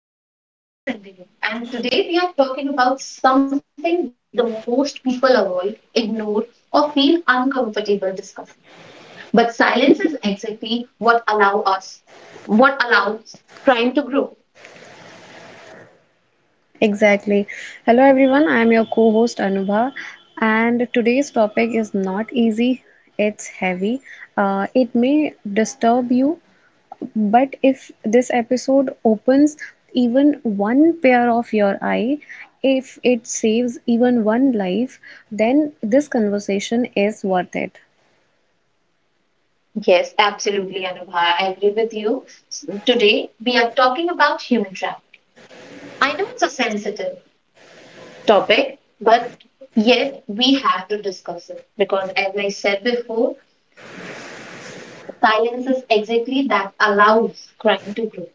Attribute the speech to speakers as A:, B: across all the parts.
A: today's episode. I'm Nandini and today we are talking about something the most people avoid, ignore or feel uncomfortable discussing. But silence is exactly what allows crime to grow.
B: Exactly. Hello everyone, I am your co-host Anubha, and today's topic is not easy, it's heavy. It may disturb you, but if this episode opens even one pair of your eye, if it saves even one life, then this conversation is worth it.
A: Yes, absolutely Anubha, I agree with you. Today we are talking about human trafficking. I know it's a sensitive topic, but yet we have to discuss it because as I said before, silence is exactly that allows crime to grow.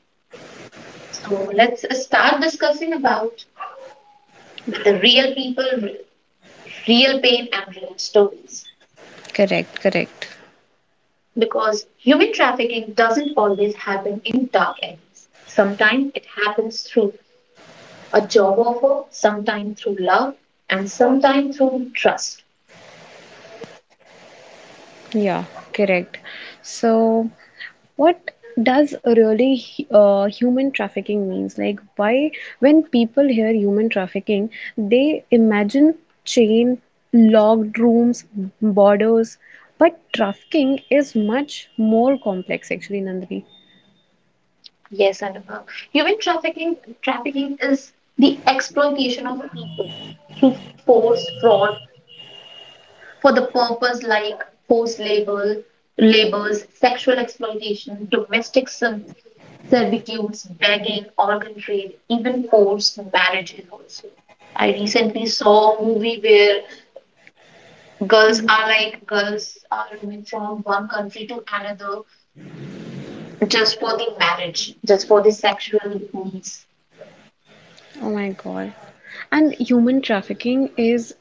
A: So let's start discussing about the real people, real pain, and real stories.
B: Correct, correct.
A: Because human trafficking doesn't always happen in dark alleys. Sometimes it happens through a job offer, sometimes through love, and sometimes through trust.
B: Yeah, correct. So, what does really human trafficking means? Like, why, when people hear human trafficking, they imagine chain, locked rooms, borders. But trafficking is much more complex, actually, Nandini.
A: Yes, Anupam. Human trafficking is the exploitation of people through force, fraud, for the purpose like forced labor, labors, sexual exploitation, domestic servitudes, begging, organ trade, even forced marriages also. I recently saw a movie where girls are moving from one country to another just for the marriage, just for the sexual needs.
B: Oh my God. And human trafficking is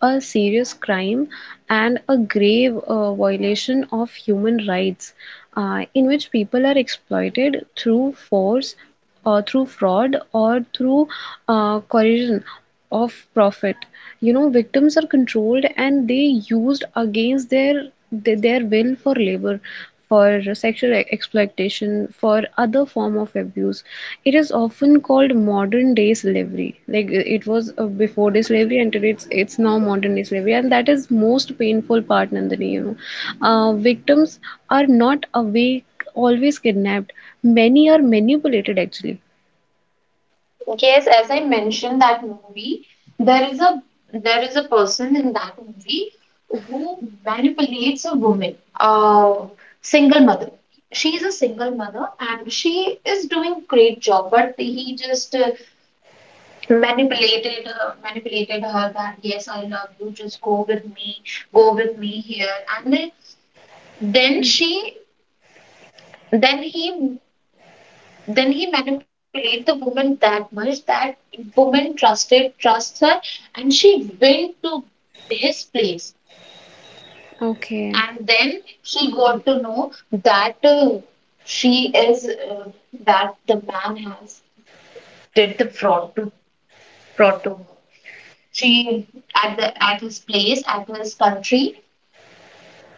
B: a serious crime and a grave violation of human rights, in which people are exploited through force or through fraud or through coercion of profit. You know, victims are controlled and they used against their will for labor, for sexual exploitation, for other form of abuse. It is often called modern day slavery. It was before day slavery, and today it's now modern day slavery, and that is most painful part, Nandini. You know, victims are not awake always kidnapped, many are manipulated actually.
A: Yes, as I mentioned that movie, there is a there is a person in that movie who manipulates a woman, a single mother. She is a single mother and she is doing great job, but he just manipulated her that yes, I love you, just go with me here, and then she then he then he manipulated the woman that much that woman trusted trusts her and she went to his place
B: Okay,
A: and then she got to know that she is that the man has did the fraud to her. She, at the at his place at his country,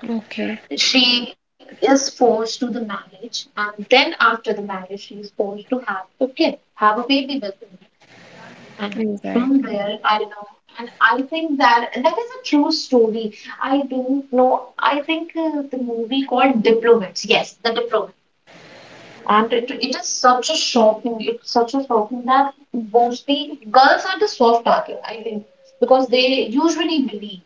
B: okay,
A: she is forced to the marriage, and then after the marriage she is forced to have a baby with him. And from
B: exactly.
A: there I know, and I think that that is a true story. I don't know. I think the movie called Diplomats, yes, The Diplomat. And it is such a shocking it's such a shocking that mostly girls are the soft target, I think, because they usually believe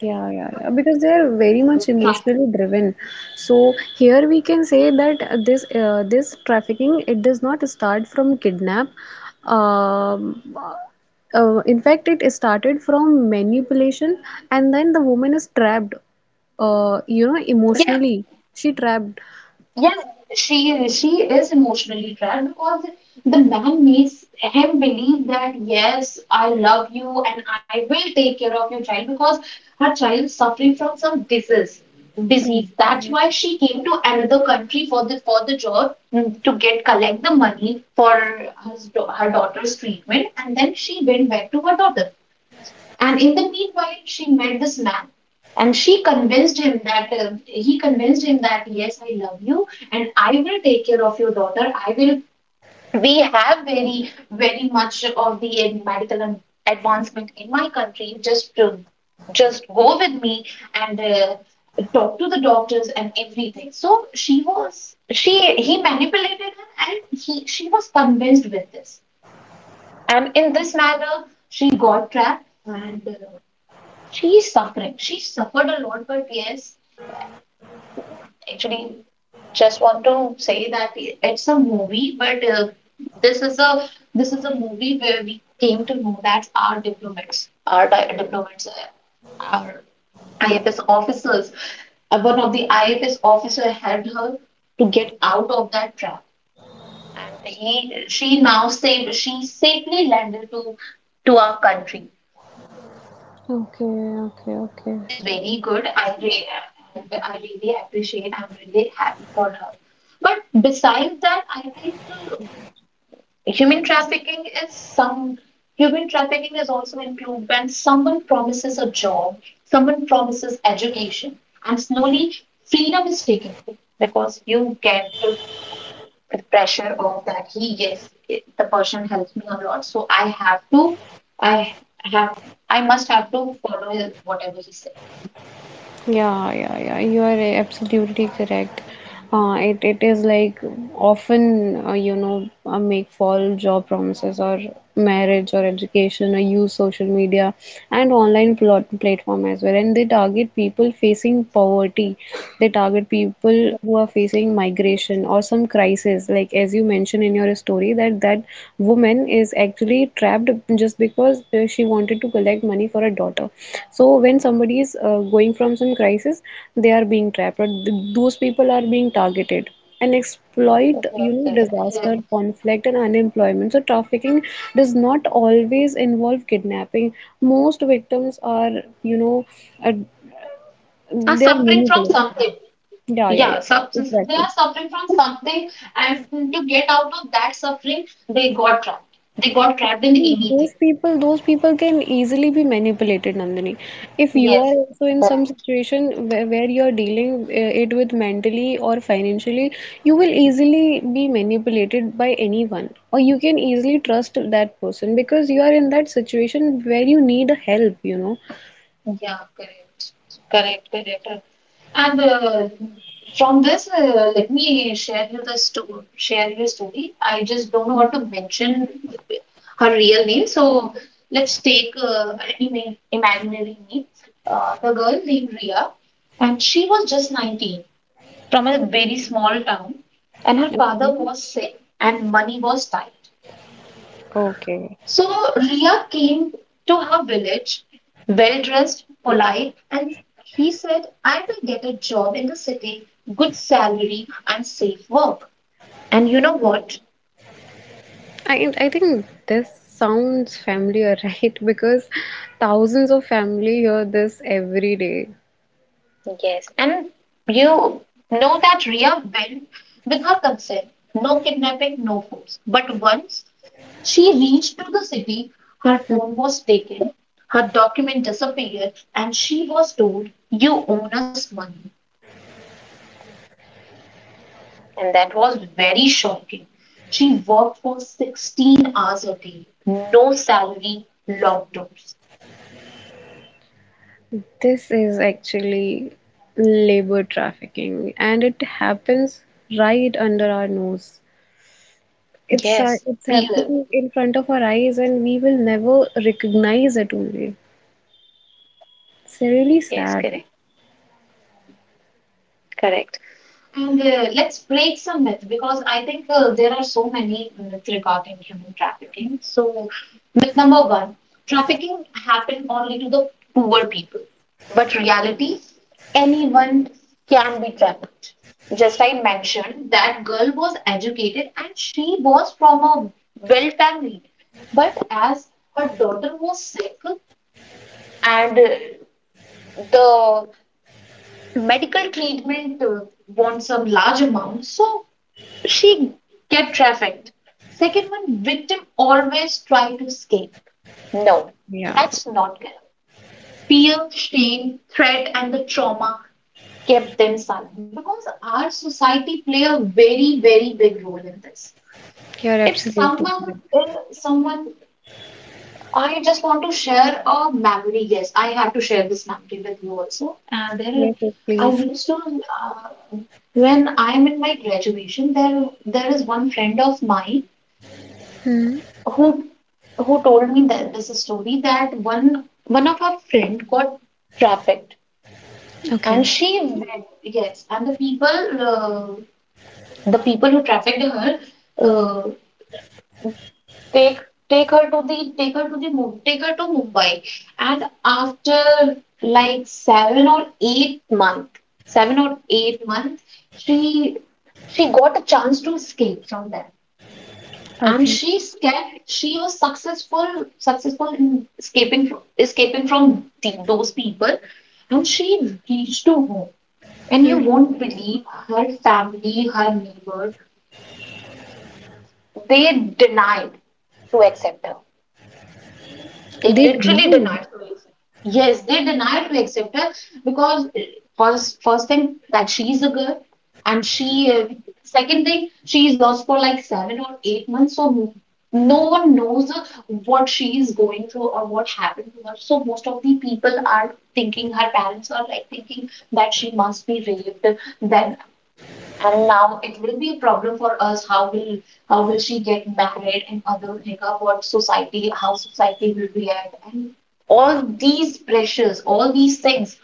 B: Yeah, yeah, yeah. Because they are very
A: so,
B: much
A: try.
B: emotionally driven. So here we can say that this trafficking, it does not start from kidnap. Um, uh, in fact, it started from manipulation, and then the woman is trapped. You know, emotionally, she trapped.
A: Yes, she is emotionally trapped because the man makes him believe that yes, I love you and I will take care of your child because her child is suffering from some disease. Disease. That's why she came to another country for the job mm, to get collect the money for her daughter's treatment, and then she went back to her daughter. And in the meanwhile, she met this man, and she convinced him that he convinced him that yes, I love you, and I will take care of your daughter. I will. We have very much of the medical advancement in my country. Just go with me and talk to the doctors and everything. So she was she he manipulated her, and he she was convinced with this. And in this manner, she got trapped. And. She is suffering. She suffered a lot, but yes, actually, just want to say that it's a movie, but this is a this is a movie where we came to know that our diplomats, our IFS officers, one of the IFS officer helped her to get out of that trap, and he she now saved she safely landed to our country, which is
B: Okay,
A: very good.
B: okay, okay.
A: I really appreciate. I'm really happy for her. But besides that, I think uh, human trafficking is some human trafficking is also included when someone promises a job, someone promises education, and slowly freedom is taken away because you get the pressure of that the person helps me a lot, so I have I must have to follow whatever he says.
B: Yeah, yeah, yeah. You are absolutely correct. It is like often, you know, make false job promises, or marriage, or education, or use social media and online plot platform as well. And they target people facing poverty. They target people who are facing migration or some crisis. Like as you mentioned in your story, that said that woman is actually trapped just because she wanted to collect money for her daughter. So when somebody is going from some crisis, they are being trapped, or those people are being targeted and exploit. You know,
A: Okay.
B: disaster, conflict, and unemployment. So trafficking does not always involve kidnapping. Most victims are, you know, uh,
A: Are
B: they are
A: suffering from
B: manipulated.
A: something.
B: Yeah, yeah,
A: Yeah,
B: yeah,
A: they are
B: exactly.
A: suffering from something, and to get out of that suffering, they got trapped. They got trapped in anything.
B: Those people can easily be manipulated, Nandini. If you are
A: Yes.
B: also in some situation where you are dealing it with mentally or financially, you will easily be manipulated by anyone, or you can easily trust that person because you are in that situation where you need a help, you know.
A: Yeah, correct. Correct, correct. And from this, let me share you the story. Share your story. I just don't know what to mention her real name. So let's take an imaginary name. The girl named Ria, and she was just 19, from a very small town, and her father
B: Okay.
A: was sick and money was tight.
B: Okay.
A: So Ria came to her village, well dressed, polite, and he said, I will get a job in the city, good salary, and safe work. And you know what?
B: I think this sounds familiar, right? Because thousands of family hear this every day.
A: Yes. And you know that Ria went with her consent. No kidnapping, no force. But once she reached to the city, her phone was taken, her document disappeared, and she was told, you own us money. And that was very shocking. She worked for 16 hours a day, no salary, lockdowns.
B: This is actually labor trafficking, and it happens right under our nose. It's
A: Period.
B: happening in front of our eyes, and we will never recognize it only. It's really sad.
A: And let's break some myths because I think there are so many myths regarding human trafficking. So, myth number one, trafficking happens only to the poor people. But reality, anyone can be trafficked. Just I mentioned that girl was educated and she was from a well family. But as her daughter was sick and the medical treatment wants some large amount, so she get trafficked. Second one, victim always try to escape. No,
B: Yeah,
A: that's not correct. Fear, shame, threat, and the trauma kept them silent because our society play a very big role in this.
B: you're
A: If
B: absolutely
A: someone,
B: correct.
A: if someone, I just want to share a memory. Yes, I have to share this memory with you also. And there,
B: Yes, yes,
A: I
B: please.
A: used to when I am in my graduation, there is one friend of mine
B: Hmm.
A: who told me that this is story that one of her friend got trafficked
B: Okay.
A: and she went, yes, and the people who trafficked her uh, take take her to the take her to the Mu- take her to Mumbai, and after like seven or eight month she she got a chance to escape from them, and
B: Okay.
A: she escaped. She was successful in escaping from those people, and she reached to home. And you
B: Hmm.
A: won't believe, her family, her neighbor, they denied to accept her. They
B: They
A: literally
B: denied.
A: denied to accept. Yes, they denied to accept her because, first thing, that she's a girl, and she second thing, she's lost for like 7 or 8 months. So no one knows what she is going through or what happened to her. So most of the people are thinking, her parents are like thinking that she must be raped, that, and now it will be a problem for us. How will she get married, and other think of what society, how society will react, and all these pressures, all these things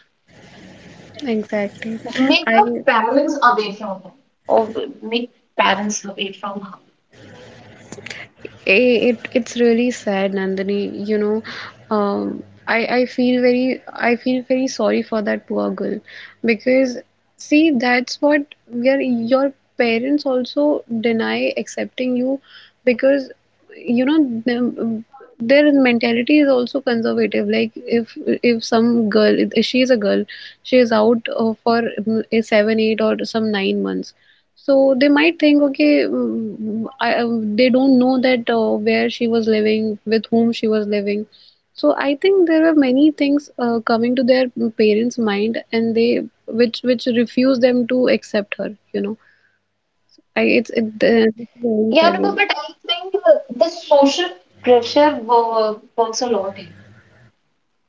B: Exactly.
A: make her
B: I.
A: parents away from her, or make parents away from her.
B: It's really sad, Nandini. You know, I feel very, I feel very sorry for that poor girl, because see, that's what your parents also deny accepting you, because you know them, their mentality is also conservative. Like if some girl, if she is a girl, she is out for mm, 7 8 or some 9 months, so they might think, okay, mm, I, they don't know that where she was living, with whom she was living. So I think there were many things coming to their parents' mind, and they which refuse them to accept her. You know, it's
A: Yeah, no,
B: very
A: but I
B: sad.
A: think the social pressure works a lot here.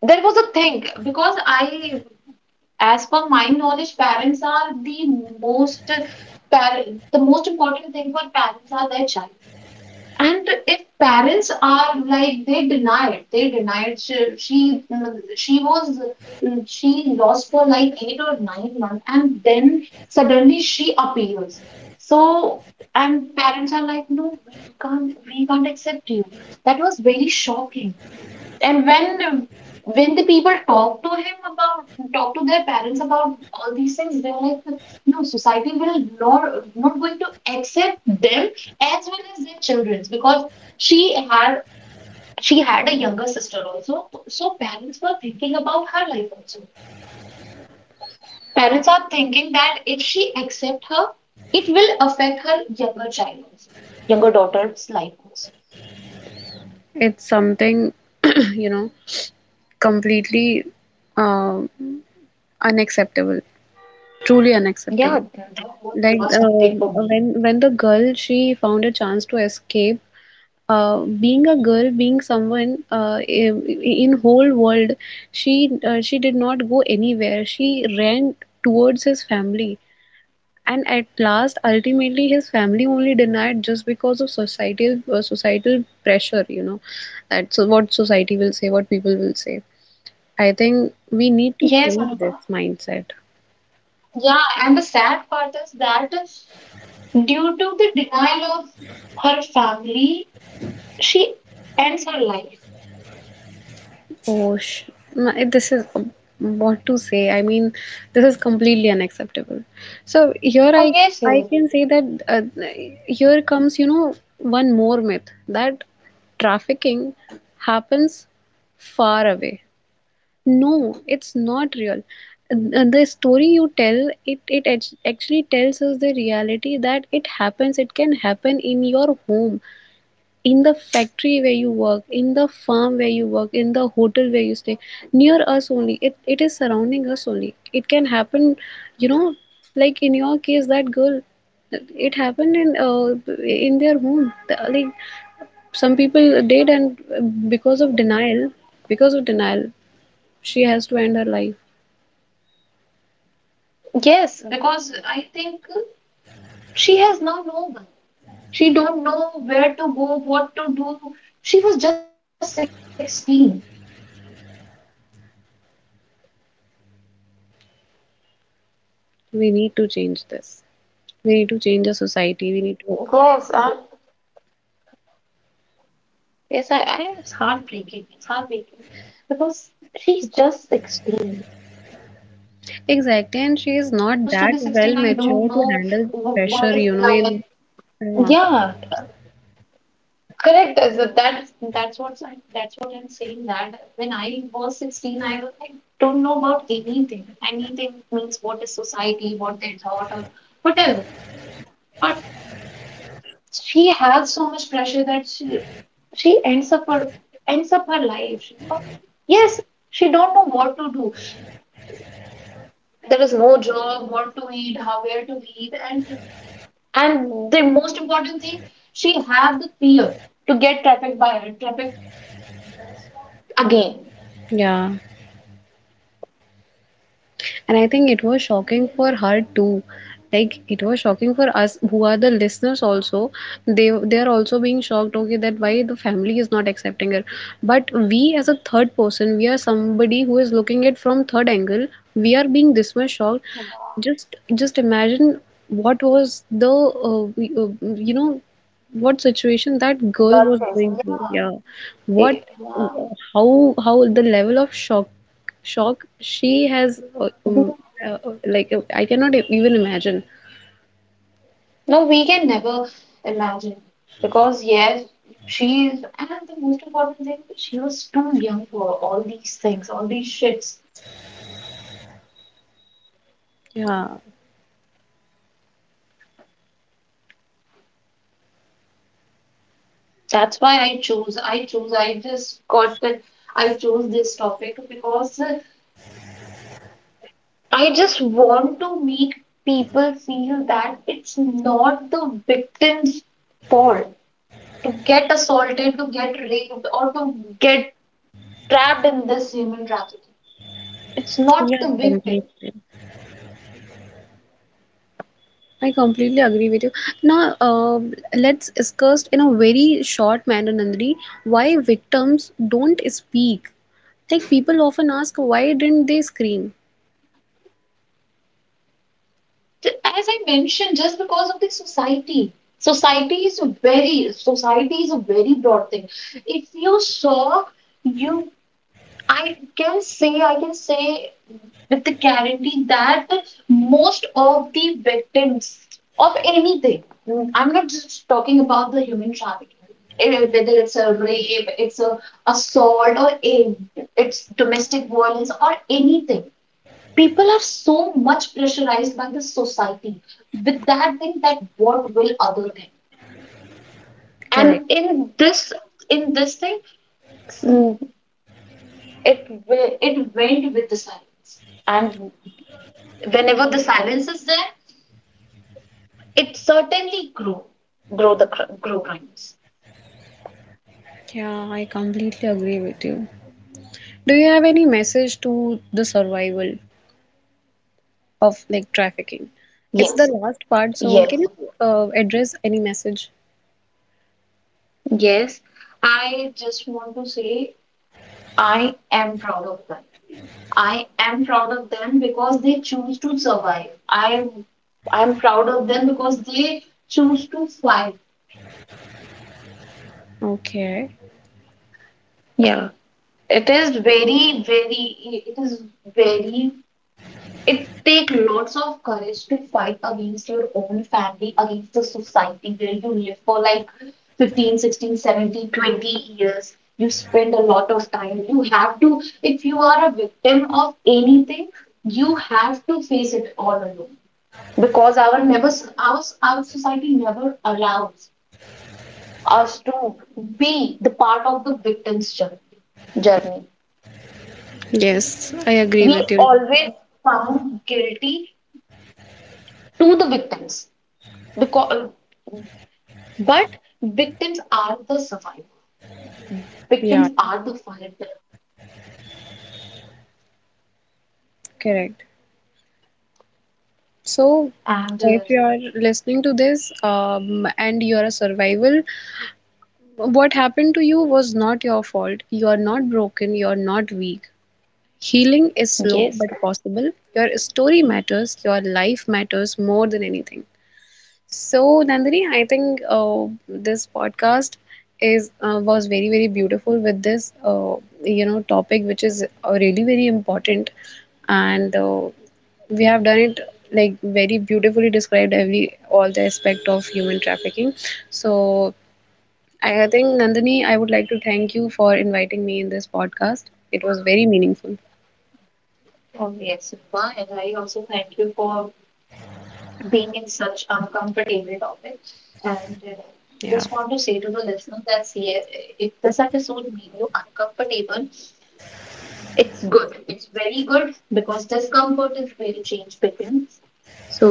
A: There was a thing because I, as per my knowledge, parents are the most par- the most important thing for parents are their child. And if parents are like they denied she was she lost for like 8 or 9 months, and then suddenly she appears. So, and parents are like, no, we can't accept you. That was very shocking. And when the people talk to him about talk to their parents about all these things, they're like, no, society will not going to accept them as well as their children's, because she had she had a younger sister also. So parents were thinking about her life also. Parents are thinking that if she accept her, it will affect her younger child also, younger daughter's life also.
B: It's something you know, completely uh, unacceptable, truly unacceptable.
A: Yeah, That was
B: Like
A: that was
B: uh,
A: something for me.
B: when when the girl she found a chance to escape, being a girl, being someone in whole world, she did not go anywhere. She ran towards his family, and at last, ultimately, his family only denied just because of societal pressure. You know, that's what society will say, what people will say. I think we need to
A: Yes,
B: change
A: Anupa.
B: this mindset.
A: Yeah, and the sad part is that, due to the denial of her family, she ends her life.
B: Oh, sh, my, this is what to say. I mean, this is completely unacceptable. So here
A: Oh yes,
B: I can say that, here comes, you know, one more myth, that trafficking happens far away. No, it's not real. The story you tell, it actually tells us the reality that it happens. It can happen in your home, in the factory where you work, in the farm where you work, in the hotel where you stay, near us only. It is surrounding us only, it can happen. You know, like in your case, that girl, it happened in their home. Like some people did, and because of denial she has to end her life.
A: yes. Because I think she has now no one. She don't know where to go, what to do. She was just 16.
B: We need to change this, we need to change the society, we need to.
A: Yes, and yes, I, it's heartbreaking. It's heartbreaking because she's just 16.
B: Exactly,
A: When
B: and
A: I
B: she is
A: used to be
B: not
A: 16,
B: that
A: I
B: well
A: don't know
B: mature to handle
A: what is
B: pressure, you
A: life.
B: know, in. Yeah.
A: Yeah, correct. That's what I'm saying. That when I was 16, I was like, don't know about anything. Anything means what is society, what they thought, or whatever. But she has so much pressure that she ends up her life. Yes, she don't know what to do. There is no job, what to eat, how, where to live, and the most important thing, she have the fear to get trafficked again.
B: Yeah, and I think it was shocking for her too. Like it was shocking for us who are the listeners also. They are also being shocked, okay, that why the family is not accepting her. But we as a third person, we are somebody who is looking at from third angle. We are being this much shocked. Just imagine what was the you know, what situation that girl
A: Girl
B: was going
A: facing.
B: through. Yeah,
A: Yeah,
B: what how the level of shock she has
A: we,
B: uh, like I cannot even imagine.
A: no, we can never imagine because yes, she is, and the most important thing, she was too young for all these things, all these shits.
B: Yeah.
A: That's why I chose. I chose. I just got that. I chose this topic because I just want to make people feel that it's not the victim's fault to get assaulted, to get raped, or to get trapped in this human trafficking. It's not
B: Yeah,
A: the victim.
B: completely. I completely agree with you. Now, let's discuss in a very short manner, Nandri, why victims don't speak. Like, people often ask, why didn't they scream?
A: As I mentioned, just because of the society. Society is a very broad thing. If you saw you I can say, with the guarantee, that most of the victims of anything, mm, I'm not just talking about the human trafficking, eh, whether it's a rape, it's a assault, or a, it's domestic violence, or anything. People are so much pressurized by the society with that thing that what will other think. And
B: Correct.
A: in this, in this thing mm, it went with the silence. And whenever the silence is there, it certainly grow, grow crimes.
B: Yeah, I completely agree with you. Do you have any message to the survival of like trafficking? It's
A: Yes,
B: the last part, so
A: yes
B: can you address any message?
A: yes, I just want to say, I am proud of them. I am proud of them because they choose to survive. I'm proud of them because they choose to fight.
B: Okay.
A: Yeah. It is very, very it is very it take lots of courage to fight against your own family, against the society where you live for like 15, 16, 17, 20 years. You spend a lot of time. You have to, if you are a victim of anything, you have to face it all alone. Because our society never allows us to be the part of the journey.
B: Yes, I agree
A: We
B: with you.
A: always found guilty to the victims, because, but victims are the survivor, victims
B: Yeah,
A: are the fighter.
B: correct. So,
A: And
B: if you are listening to this, and you are a survival, what happened to you was not your fault. You are not broken, you are not weak. Healing is slow
A: yes,
B: but possible. Your story matters, your life matters more than anything. So, Nandini, I think this podcast is was very very beautiful with this, you know, topic which is really very important, and we have done it like very beautifully, described every all the aspect of human trafficking. So, I think Nandini, I would like to thank you for inviting me in this podcast. It was very meaningful.
A: oh yes Rupa, and I also thank you for being in such uncomfortable topic. And just want to say to the listeners that, see, if this episode made you uncomfortable, it's good. It's very good because discomfort is where change begins. So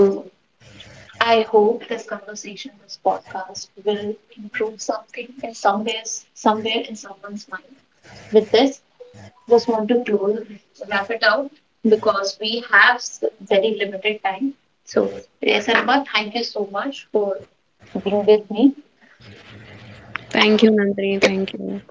A: I hope this conversation, this podcast, will improve something in somewhere, somewhere in someone's mind. With this, just want to close, wrap it out because we have very limited time. So, yes, Arma, thank you so much for being with me.
B: Thank you, Nandini. Thank you.